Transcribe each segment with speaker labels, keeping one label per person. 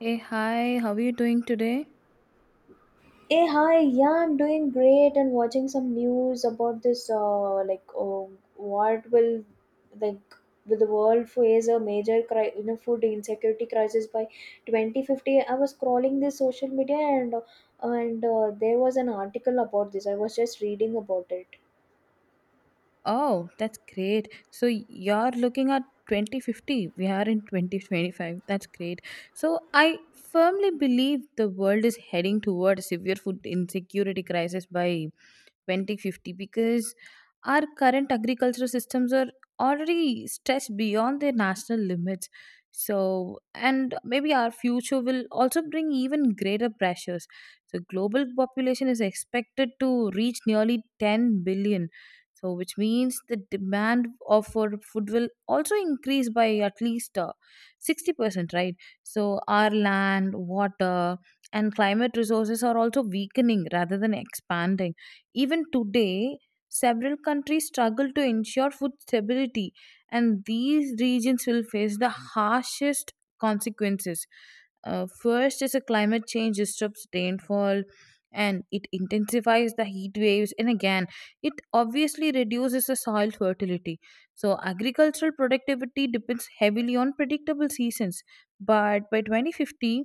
Speaker 1: Hey, hi, how are you doing today?
Speaker 2: Hey, hi. Yeah, I'm doing great and watching some news about this. Like, oh, what will like will the world face a major food insecurity crisis by 2050? I was scrolling this social media and there was an article about this. I was just reading about it.
Speaker 1: Oh, that's great. So you're looking at 2050. We are in 2025. That's great. So I firmly believe the world is heading towards severe food insecurity crisis by 2050, because our current agricultural systems are already stretched beyond their national limits, so and maybe our future will also bring even greater pressures. So global population is expected to reach nearly 10 billion, so which means the demand of for food will also increase by at least 60%, right? So our land, water, and climate resources are also weakening rather than expanding. Even today, several countries struggle to ensure food stability, and these regions will face the harshest consequences. First is a climate change disrupts rainfall and it intensifies the heat waves, and again it obviously reduces the soil fertility. So agricultural productivity depends heavily on predictable seasons, but by 2050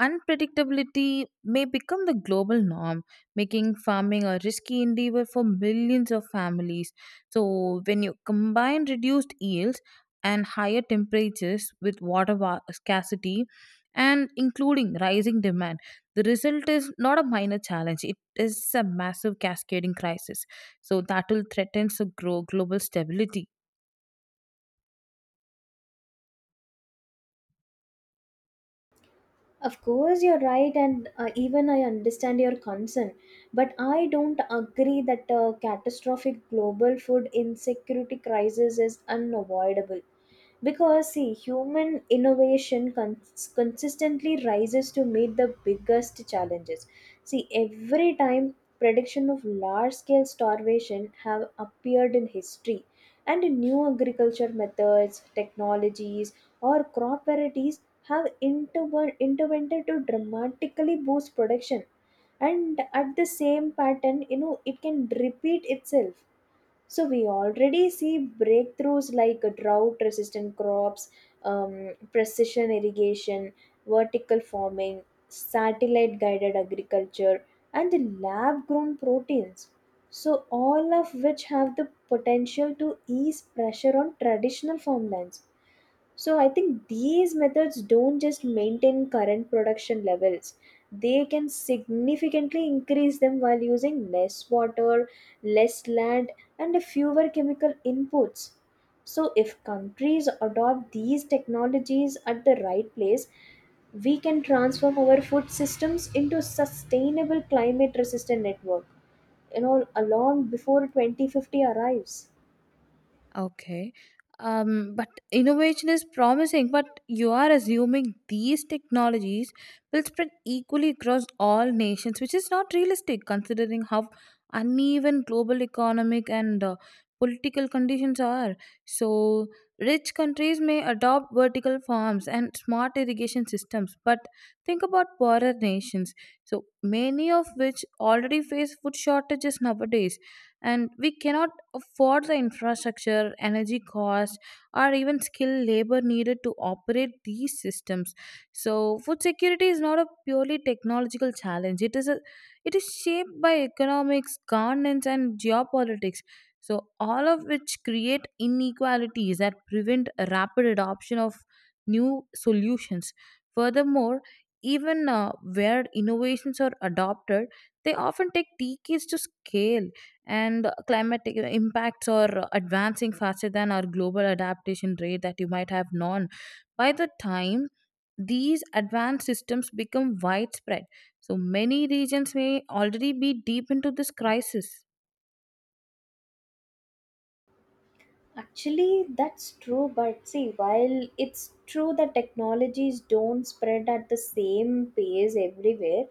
Speaker 1: unpredictability may become the global norm, making farming a risky endeavor for millions of families. So, when you combine reduced yields and higher temperatures with scarcity, and including rising demand, the result is not a minor challenge. It is a massive cascading crisis. So that will threaten to grow global stability.
Speaker 2: Of course, you're right, and even I understand your concern, but I don't agree that a catastrophic global food insecurity crisis is unavoidable. Because, see, human innovation consistently rises to meet the biggest challenges. See, every time prediction of large scale starvation have appeared in history, and new agriculture methods, technologies, or crop varieties have intervened to dramatically boost production. And at the same pattern, it can repeat itself. So we already see breakthroughs like drought resistant crops, precision irrigation, vertical farming, satellite guided agriculture, and the lab grown proteins, so all of which have the potential to ease pressure on traditional farmlands. So I think these methods don't just maintain current production levels, they can significantly increase them while using less water, less land, and fewer chemical inputs. So if countries adopt these technologies at the right place, we can transform our food systems into sustainable climate resistant network, along before 2050 arrives.
Speaker 1: Okay. But innovation is promising, but you are assuming these technologies will spread equally across all nations, which is not realistic considering how uneven global economic and political conditions are. So, rich countries may adopt vertical farms and smart irrigation systems, but think about poorer nations, so many of which already face food shortages nowadays, and we cannot for the infrastructure, energy costs, or even skilled labor needed to operate these systems. So, food security is not a purely technological challenge. It is a it is shaped by economics, governance, and geopolitics. So, all of which create inequalities that prevent a rapid adoption of new solutions. Furthermore, even where innovations are adopted, they often take decades to scale, and climatic impacts are advancing faster than our global adaptation rate that you might have known. By the time these advanced systems become widespread, so many regions may already be deep into this crisis.
Speaker 2: Actually, that's true, but see, while it's true that technologies don't spread at the same pace everywhere,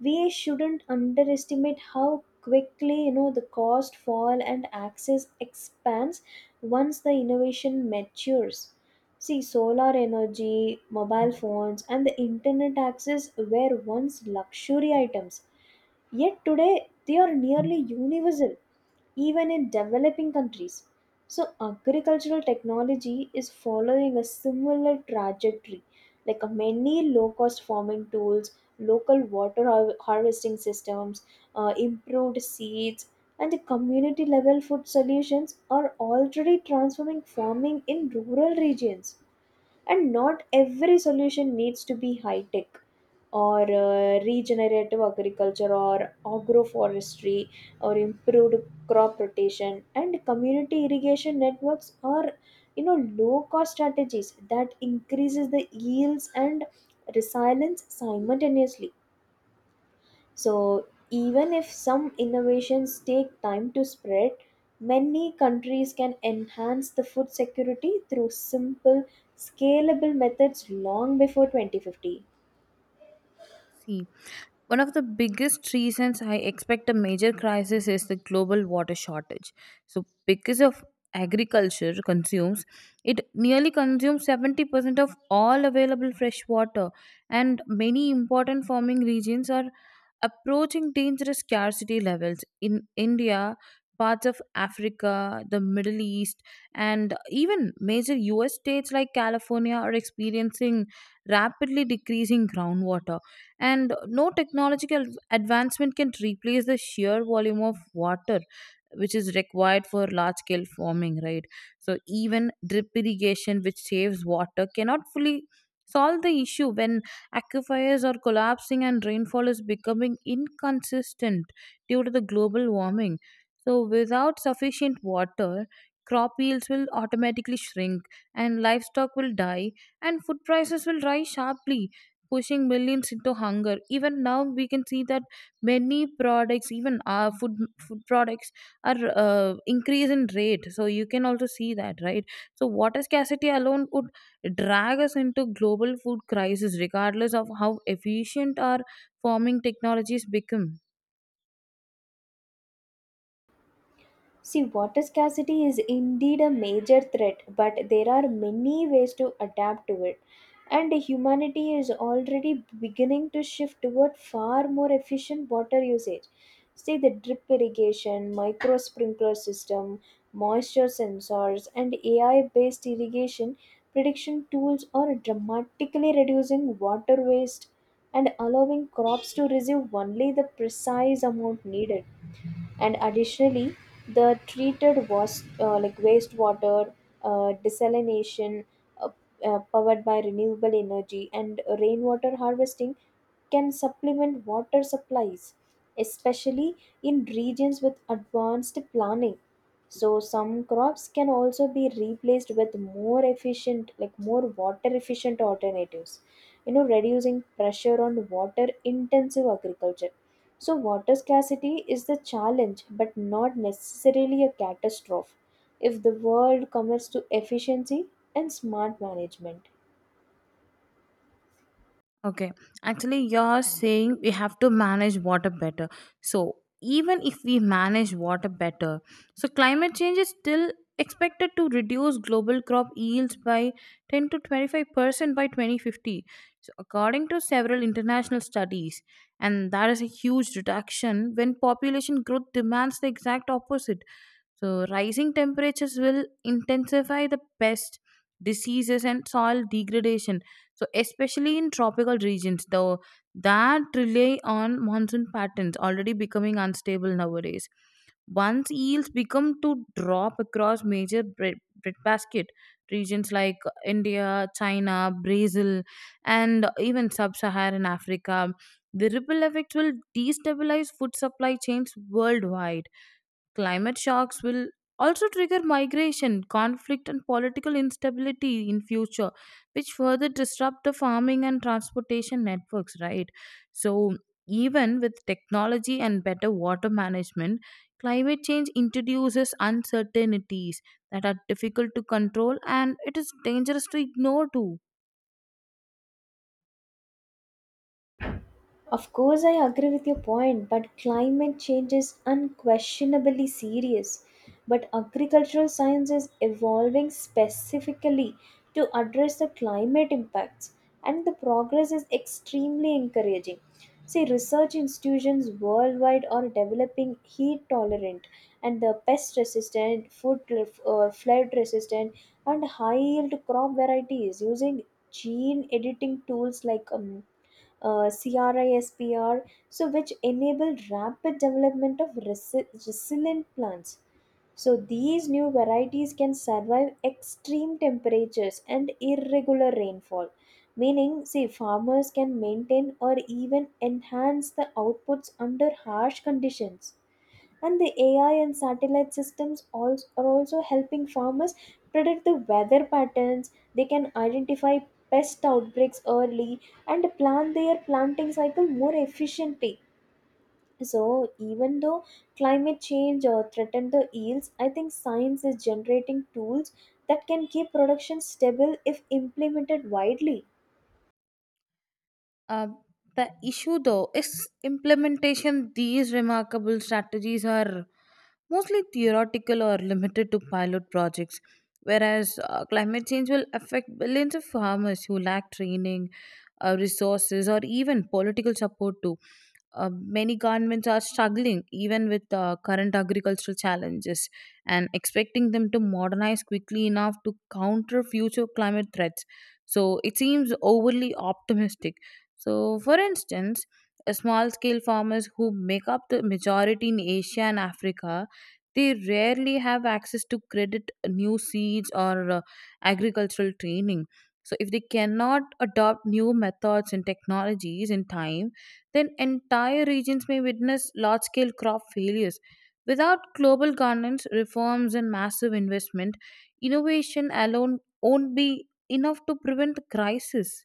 Speaker 2: we shouldn't underestimate how quickly the cost fall and access expands once the innovation matures. See, solar energy, mobile phones, and the internet access were once luxury items, yet today they are nearly universal even in developing countries. So, agricultural technology is following a similar trajectory, like many low cost farming tools, local water harvesting systems, improved seeds, and the community level food solutions are already transforming farming in rural regions. And not every solution needs to be high tech, or regenerative agriculture or agroforestry or improved crop rotation and community irrigation networks are, you know low cost strategies that increases the yields and resilience simultaneously. So, even if some innovations take time to spread, many countries can enhance the food security through simple, scalable methods long before 2050.
Speaker 1: See, one of the biggest reasons I expect a major crisis is the global water shortage. So, because of agriculture consumes, it nearly consumes 70% of all available fresh water, and many important farming regions are approaching dangerous scarcity levels. In India, parts of Africa, the Middle East, and even major US states like California are experiencing rapidly decreasing groundwater, and no technological advancement can replace the sheer volume of water which is required for large scale farming, right? So even drip irrigation, which saves water, cannot fully solve the issue when aquifers are collapsing and rainfall is becoming inconsistent due to the global warming. So without sufficient water, crop yields will automatically shrink, and livestock will die, and food prices will rise sharply, pushing millions into hunger. Even now we can see that many products, even our food products are increase in rate, so you can also see that, right? So water scarcity alone could drag us into global food crisis regardless of how efficient our farming technologies become.
Speaker 2: See, water scarcity is indeed a major threat, but there are many ways to adapt to it. And humanity is already beginning to shift toward far more efficient water usage. See, the drip irrigation, micro sprinkler system, moisture sensors, and AI based irrigation prediction tools are dramatically reducing water waste and allowing crops to receive only the precise amount needed. And additionally, the treated was, like, wastewater, desalination, uh, powered by renewable energy, and rainwater harvesting can supplement water supplies, especially in regions with advanced planning. So some crops can also be replaced with more efficient, like more water efficient alternatives, reducing pressure on water intensive agriculture. So water scarcity is the challenge but not necessarily a catastrophe if the world commits to efficiency and smart management.
Speaker 1: Okay, actually, you're saying we have to manage water better. So, even if we manage water better, so climate change is still expected to reduce global crop yields by 10 to 25% by 2050. So, according to several international studies, and that is a huge reduction when population growth demands the exact opposite. So, rising temperatures will intensify the pest diseases and soil degradation. So, especially in tropical regions, though, that rely on monsoon patterns already becoming unstable nowadays. Once yields become to drop across breadbasket regions like India, China, Brazil, and even sub-Saharan Africa, the ripple effects will destabilize food supply chains worldwide. Climate shocks will also trigger migration, conflict, and political instability in future, which further disrupt the farming and transportation networks, right? So even with technology and better water management, climate change introduces uncertainties that are difficult to control, and it is dangerous to ignore too.
Speaker 2: Of course, I agree with your point, but climate change is unquestionably serious. But agricultural science is evolving specifically to address the climate impacts, and the progress is extremely encouraging. See, research institutions worldwide are developing heat tolerant and the pest resistant, flood resistant, and high yield crop varieties using gene editing tools like CRISPR, so which enable rapid development of resilient plants. So these new varieties can survive extreme temperatures and irregular rainfall. Meaning, see, farmers can maintain or even enhance the outputs under harsh conditions. And the AI and satellite systems are also helping farmers predict the weather patterns. They can identify pest outbreaks early and plan their planting cycle more efficiently. So, even though climate change threaten the yields, I think science is generating tools that can keep production stable if implemented widely.
Speaker 1: Uh, the issue though is implementation. These remarkable strategies are mostly theoretical or limited to pilot projects, whereas climate change will affect billions of farmers who lack training, resources, or even political support too. Many governments are struggling even with current agricultural challenges, and expecting them to modernize quickly enough to counter future climate threats, so it seems overly optimistic. So, for instance, small scale farmers who make up the majority in Asia and Africa. They rarely have access to credit, new seeds, or agricultural training. So, if they cannot adopt new methods and technologies in time, then entire regions may witness large scale crop failures. Without global governance, reforms, and massive investment, innovation alone won't be enough to prevent the crisis.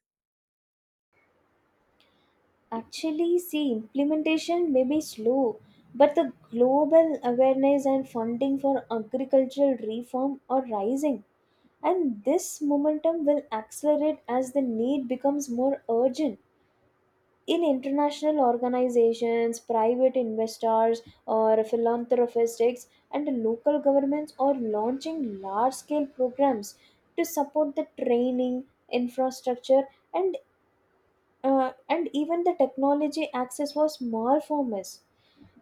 Speaker 2: Actually, see, implementation may be slow, but the global awareness and funding for agricultural reform are rising, and this momentum will accelerate as the need becomes more urgent. In international organizations, private investors, or philanthropists, and local governments are launching large scale programs to support the training, infrastructure, and and even the technology access was more famous.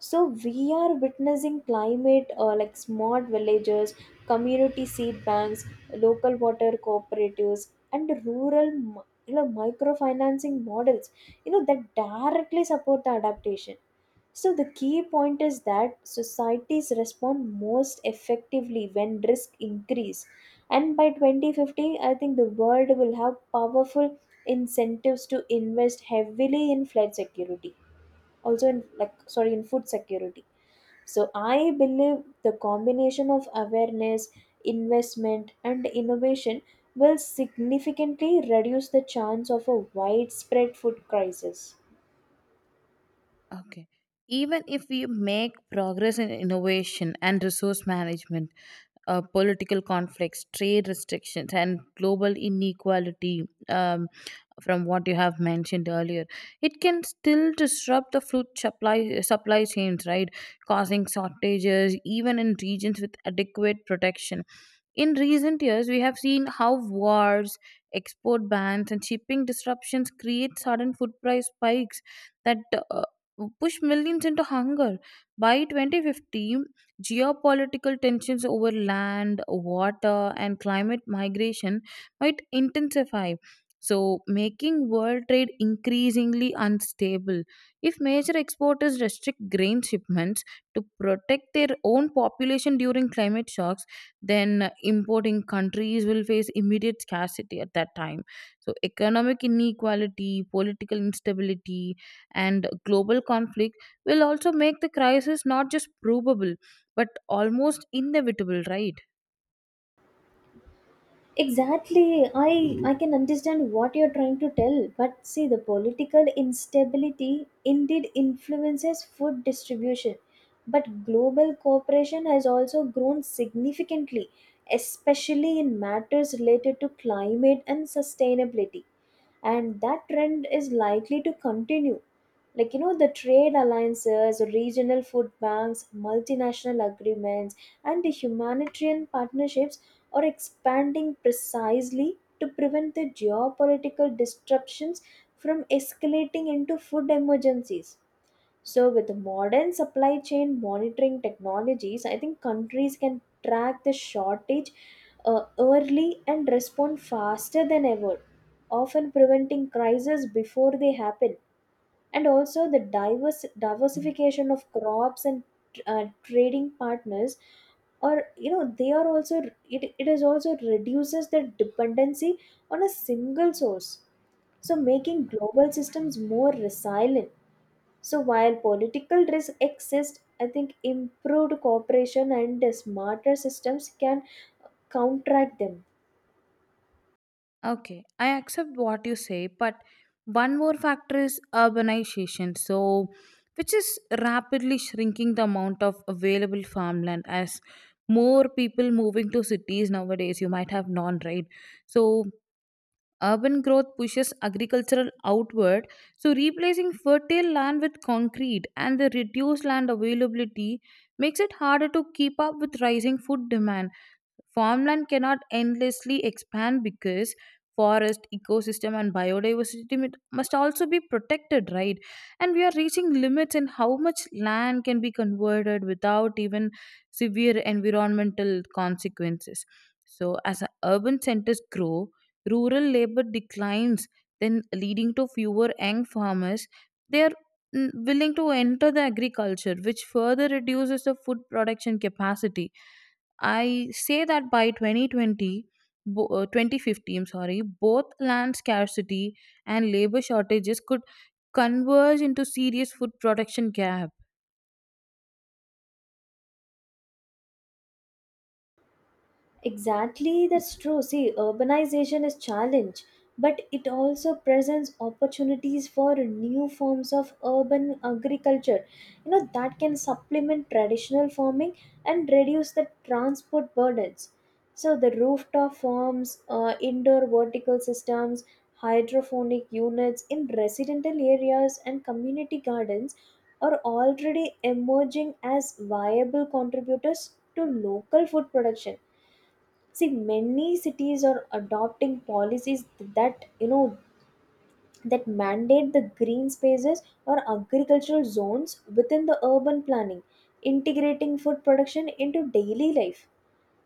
Speaker 2: So we are witnessing climate, like, smart villages, community seed banks, local water cooperatives, and rural microfinancing models, that directly support the adaptation. So the key point is that societies respond most effectively when risk increase. And by 2050, I think the world will have powerful incentives to invest heavily in flood security, also in, like, sorry, in food security. So I believe the combination of awareness, investment, and innovation will significantly reduce the chance of a widespread food crisis.
Speaker 1: Okay. Even if we make progress in innovation and resource management, political conflicts, trade restrictions, and global inequality, um, from what you have mentioned earlier, it can still disrupt the food supply chains, right? Causing shortages even in regions with adequate protection. In recent years, we have seen how wars, export bans, and shipping disruptions create sudden food price spikes that uh, push millions into hunger. By 2050, geopolitical tensions over land, water, and climate migration might intensify, so making world trade increasingly unstable. If major exporters restrict grain shipments to protect their own population during climate shocks, then importing countries will face immediate scarcity at that time. So, economic inequality, political instability, and global conflict will also make the crisis not just probable but almost inevitable, right?
Speaker 2: Exactly. I can understand what you're trying to tell, but see, the political instability indeed influences food distribution. But global cooperation has also grown significantly, especially in matters related to climate and sustainability. And that trend is likely to continue, like, the trade alliances, regional food banks, multinational agreements, and the humanitarian partnerships are expanding precisely to prevent the geopolitical disruptions from escalating into food emergencies. So with modern supply chain monitoring technologies, I think countries can track the shortage early and respond faster than ever, often preventing crises before they happen. And also the diverse diversification of crops and trading partners, or they are also, it is also reduces the dependency on a single source, so making global systems more resilient. So while political risk exists, I think improved cooperation and smarter systems can counteract them.
Speaker 1: Okay, I accept what you say, but one more factor is urbanization. So, which is rapidly shrinking the amount of available farmland as more people moving to cities nowadays, you might have none, right? So urban growth pushes agricultural outward, so replacing fertile land with concrete, and the reduced land availability makes it harder to keep up with rising food demand. Farmland cannot endlessly expand because forest ecosystem and biodiversity must also be protected, right? And we are reaching limits in how much land can be converted without even severe environmental consequences. So urban centers grow, rural labor declines, then leading to fewer young farmers. They are willing to enter the agriculture, which further reduces the food production capacity. I say that by 2020, 2050, I'm sorry, both land scarcity and labor shortages could converge into serious food production gap.
Speaker 2: Exactly, that's true. See, urbanization is challenge, but it also presents opportunities for new forms of urban agriculture, that can supplement traditional farming and reduce the transport burdens. So the rooftop farms, indoor vertical systems, hydroponic units in residential areas, and community gardens are already emerging as viable contributors to local food production. See, many cities are adopting policies that that mandate the green spaces or agricultural zones within the urban planning, integrating food production into daily life.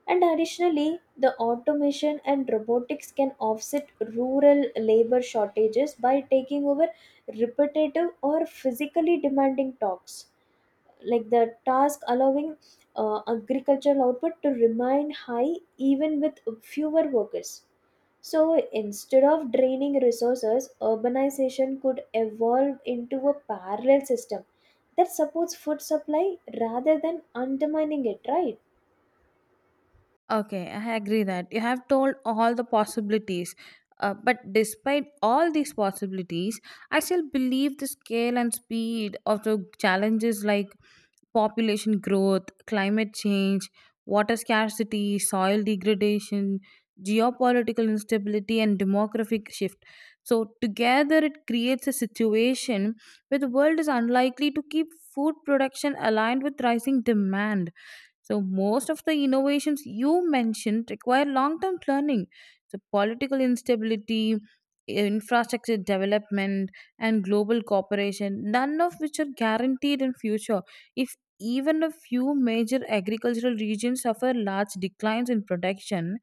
Speaker 2: And additionally, the automation and robotics can offset rural labor shortages by taking over repetitive or physically demanding tasks, like the task allowing agricultural output to remain high even with fewer workers. So instead of draining resources, urbanization could evolve into a parallel system that supports food supply rather than undermining it, right?
Speaker 1: Okay, I agree that you have told all the possibilities. But despite all these possibilities, I still believe the scale and speed of the challenges like population growth, climate change, water scarcity, soil degradation, geopolitical instability, and demographic shift. So, together it creates a situation where the world is unlikely to keep food production aligned with rising demand. So most of the innovations you mentioned require long-term planning. So political instability, infrastructure development, and global cooperation, none of which are guaranteed in future. If even a few major agricultural regions suffer large declines in production,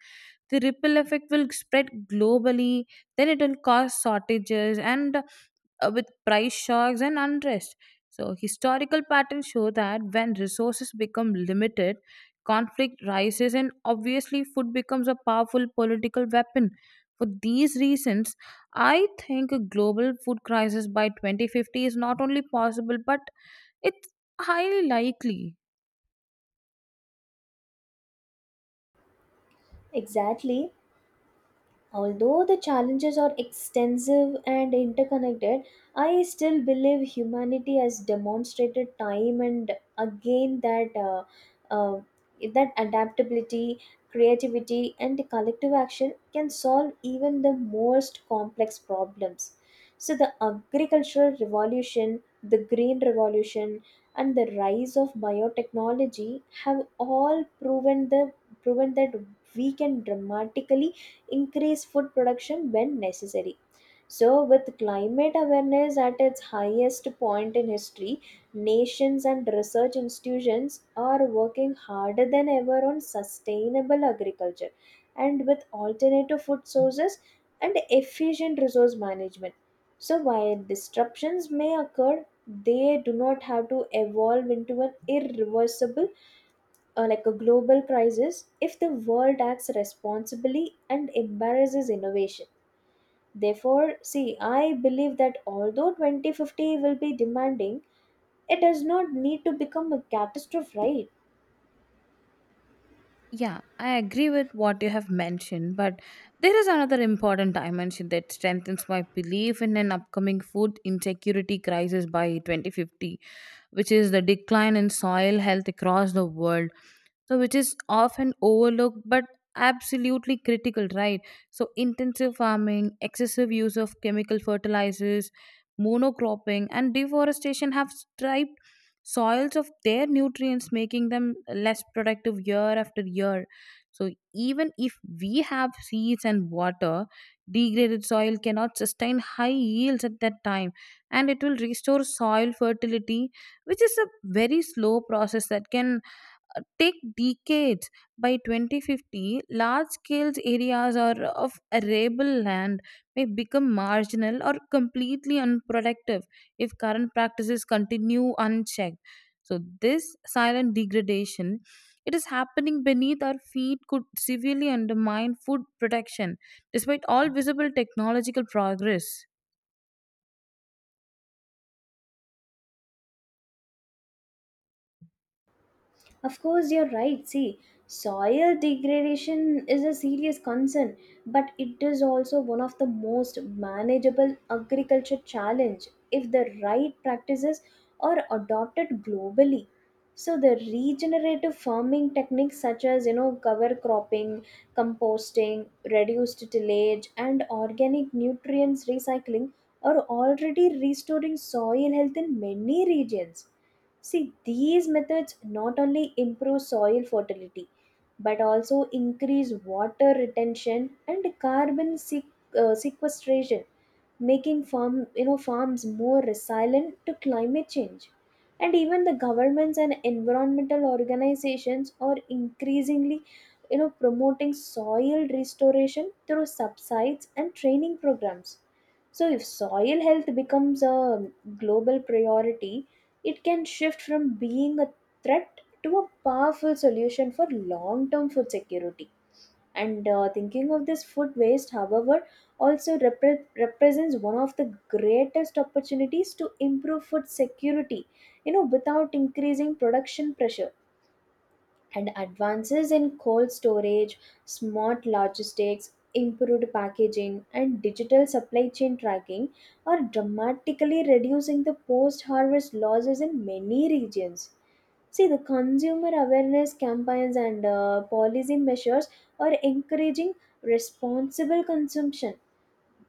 Speaker 1: the ripple effect will spread globally. Then it will cause shortages and with price shocks and unrest. So, historical patterns show that when resources become limited, conflict rises, and obviously, food becomes a powerful political weapon. For these reasons, I think a global food crisis by 2050 is not only possible but it's highly likely.
Speaker 2: Exactly. Although the challenges are extensive and interconnected, I still believe humanity has demonstrated time and again that uh, that adaptability, creativity, and collective action can solve even the most complex problems. So the agricultural revolution, the green revolution, and the rise of biotechnology have all proven that we can dramatically increase food production when necessary. So, with climate awareness at its highest point in history, nations and research institutions are working harder than ever on sustainable agriculture, and with alternative food sources and efficient resource management. So, while disruptions may occur, they do not have to evolve into an irreversible, like, a global crisis if the world acts responsibly and embarrasses innovation. Therefore, see, I believe that although 2050 will be demanding, it does not need to become a catastrophe, right?
Speaker 1: Yeah, I agree with what you have mentioned, but there is another important dimension that strengthens my belief in an upcoming food insecurity crisis by 2050, which is the decline in soil health across the world, so which is often overlooked but absolutely critical, right? So intensive farming, excessive use of chemical fertilizers, monocropping, and deforestation have striped soils of their nutrients, making them less productive year after year. So even if we have seeds and water, degraded soil cannot sustain high yields at that time, and it will restore soil fertility, which is a very slow process that can take decades. By 2050, large scale areas are of arable land may become marginal or completely unproductive if current practices continue unchecked. So this silent degradation, it is happening beneath our feet, could severely undermine food protection despite all visible technological progress.
Speaker 2: Of course, you're right. See, soil degradation is a serious concern, but it is also one of the most manageable agriculture challenge if the right practices are adopted globally. So the regenerative farming techniques, such as cover cropping, composting, reduced tillage, and organic nutrients recycling are already restoring soil health in many regions. See, these methods not only improve soil fertility but also increase water retention and carbon sequestration, making farms more resilient to climate change. And even the governments and environmental organizations are increasingly, promoting soil restoration through subsides and training programs. So, if soil health becomes a global priority, it can shift from being a threat to a powerful solution for long term food security. And thinking of this food waste, however, also represents one of the greatest opportunities to improve food security, without increasing production pressure. And advances in cold storage, smart logistics, improved packaging, and digital supply chain tracking are dramatically reducing the post harvest losses in many regions. See, the consumer awareness campaigns and policy measures are encouraging responsible consumption,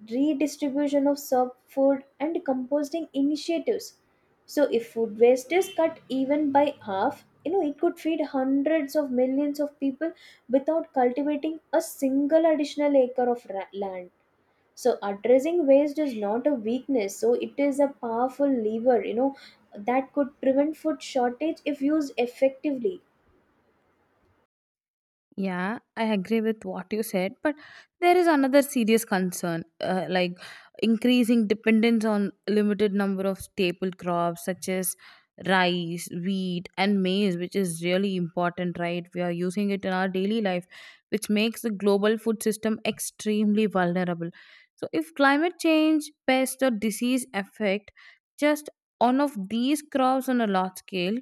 Speaker 2: redistribution of food, and composting initiatives. So if food waste is cut even by half, it could feed hundreds of millions of people without cultivating a single additional acre of land. So addressing waste is not a weakness, so it is a powerful lever, that could prevent food shortage if used effectively.
Speaker 1: Yeah, I agree with what you said, but there is another serious concern, like increasing dependence on limited number of staple crops such as rice, wheat, and maize, which is really important, right? We are using it in our daily life, which makes the global food system extremely vulnerable. So, if climate change, pest, or disease affect just one of these crops on a large scale,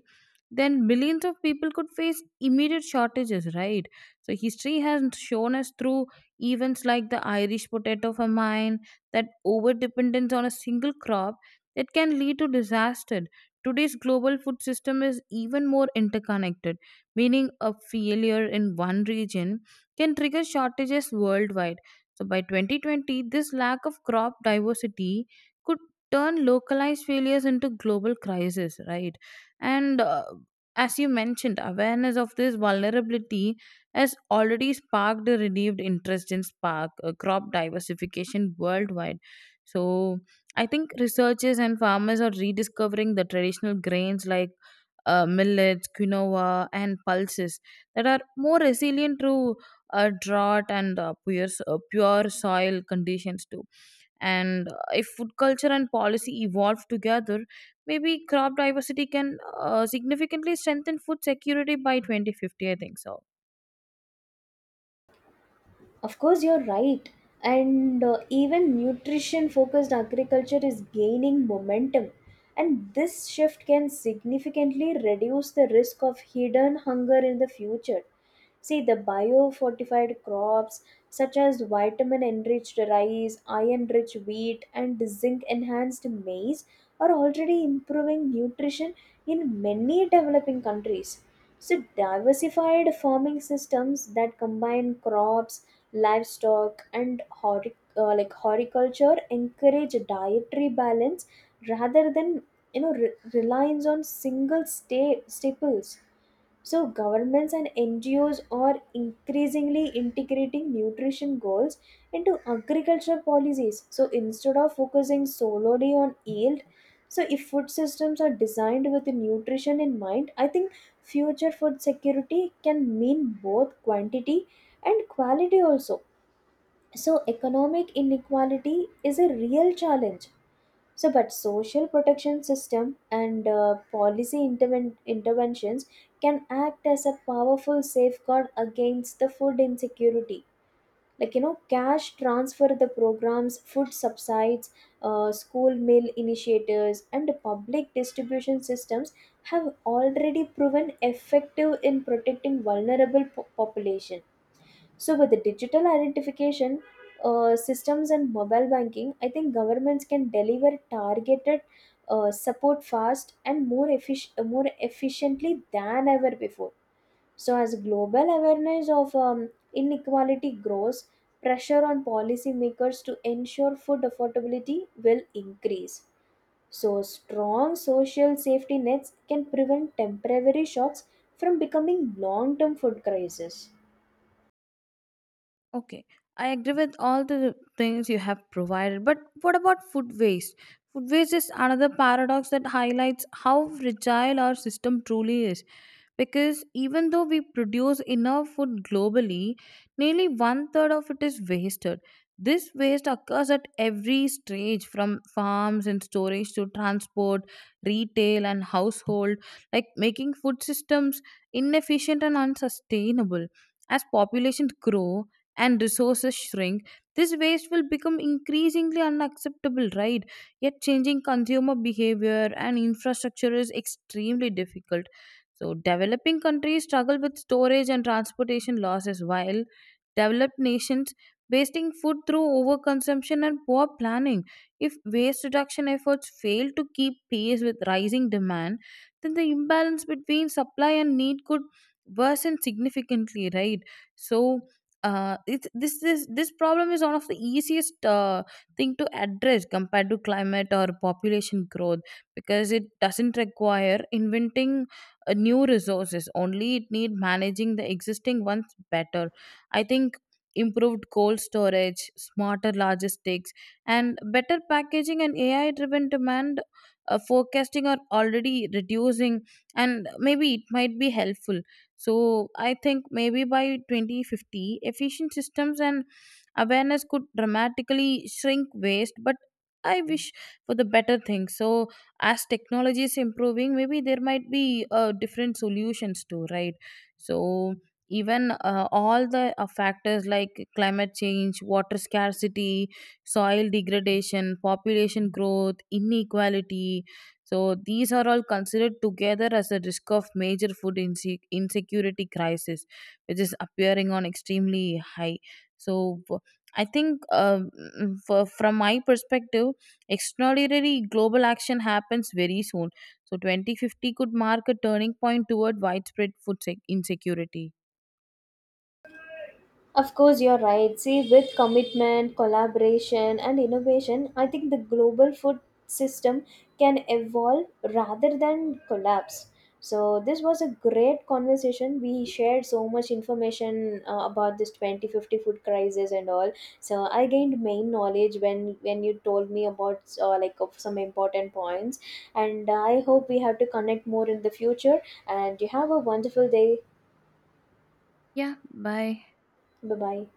Speaker 1: then millions of people could face immediate shortages, right? So history has shown us through events like the Irish potato famine that over dependence on a single crop that can lead to disaster. Today's global food system is even more interconnected, meaning a failure in one region can trigger shortages worldwide. So by 2020, this lack of crop diversity could turn localized failures into global crisis, right? And as you mentioned, awareness of this vulnerability has already sparked a renewed interest in spark crop diversification worldwide. So I think researchers and farmers are rediscovering the traditional grains like millets, quinoa, and pulses that are more resilient to drought and pure soil conditions too. And if food culture and policy evolve together, maybe crop diversity can significantly strengthen food security by 2050. I think so.
Speaker 2: Of course, you're right. And even nutrition focused agriculture is gaining momentum. And this shift can significantly reduce the risk of hidden hunger in the future. See, the biofortified crops, such as vitamin enriched rice, iron rich wheat, and zinc enhanced maize are already improving nutrition in many developing countries. So, diversified farming systems that combine crops, livestock, and horticulture encourage dietary balance rather than, reliance on single staples. So governments and NGOs are increasingly integrating nutrition goals into agricultural policies, so instead of focusing solely on yield. So if food systems are designed with nutrition in mind, I think future food security can mean both quantity and quality also. So, economic inequality is a real challenge. So, but social protection system and policy interventions can act as a powerful safeguard against the food insecurity. Like, cash transfer the programs, food subsides, school meal initiatives, and public distribution systems have already proven effective in protecting vulnerable population. So with the digital identification systems and mobile banking, I think governments can deliver targeted support fast and more more efficiently than ever before. So as global awareness of inequality grows, pressure on policymakers to ensure food affordability will increase. So strong social safety nets can prevent temporary shocks from becoming long-term food crises.
Speaker 1: Okay, I agree with all the things you have provided, but what about food waste? Food waste is another paradox that highlights how fragile our system truly is. Because even though we produce enough food globally, nearly one third of it is wasted. This waste occurs at every stage from farms and storage to transport, retail, and household, like making food systems inefficient and unsustainable. As populations grow, and resources shrink, this waste will become increasingly unacceptable, right? Yet, changing consumer behavior and infrastructure is extremely difficult. So, developing countries struggle with storage and transportation losses, while developed nations wasting food through overconsumption and poor planning. If waste reduction efforts fail to keep pace with rising demand, then the imbalance between supply and need could worsen significantly, right? So, it, this problem is one of the easiest thing to address compared to climate or population growth, because it doesn't require inventing new resources, only it need managing the existing ones better. I think improved coal storage, smarter logistics, and better packaging, and AI driven demand forecasting are already reducing, and maybe it might be helpful. So I think maybe by 2050, efficient systems and awareness could dramatically shrink waste, but I wish for the better things. So as technology is improving, maybe there might be different solutions too, right? So even all the factors like climate change, water scarcity, soil degradation, population growth, inequality, so these are all considered together as a risk of major insecurity crisis, which is appearing on extremely high. So f- I think from my perspective, extraordinary global action happens very soon. So 2050 could mark a turning point toward widespread insecurity.
Speaker 2: Of course, you're right. See, with commitment, collaboration, and innovation, I think the global food system can evolve rather than collapse. So, this was a great conversation. We shared so much information about this 2050 food crisis and all. So, I gained main knowledge when you told me about, like, of some important points. And I hope we have to connect more in the future. And you have a wonderful day. Bye bye.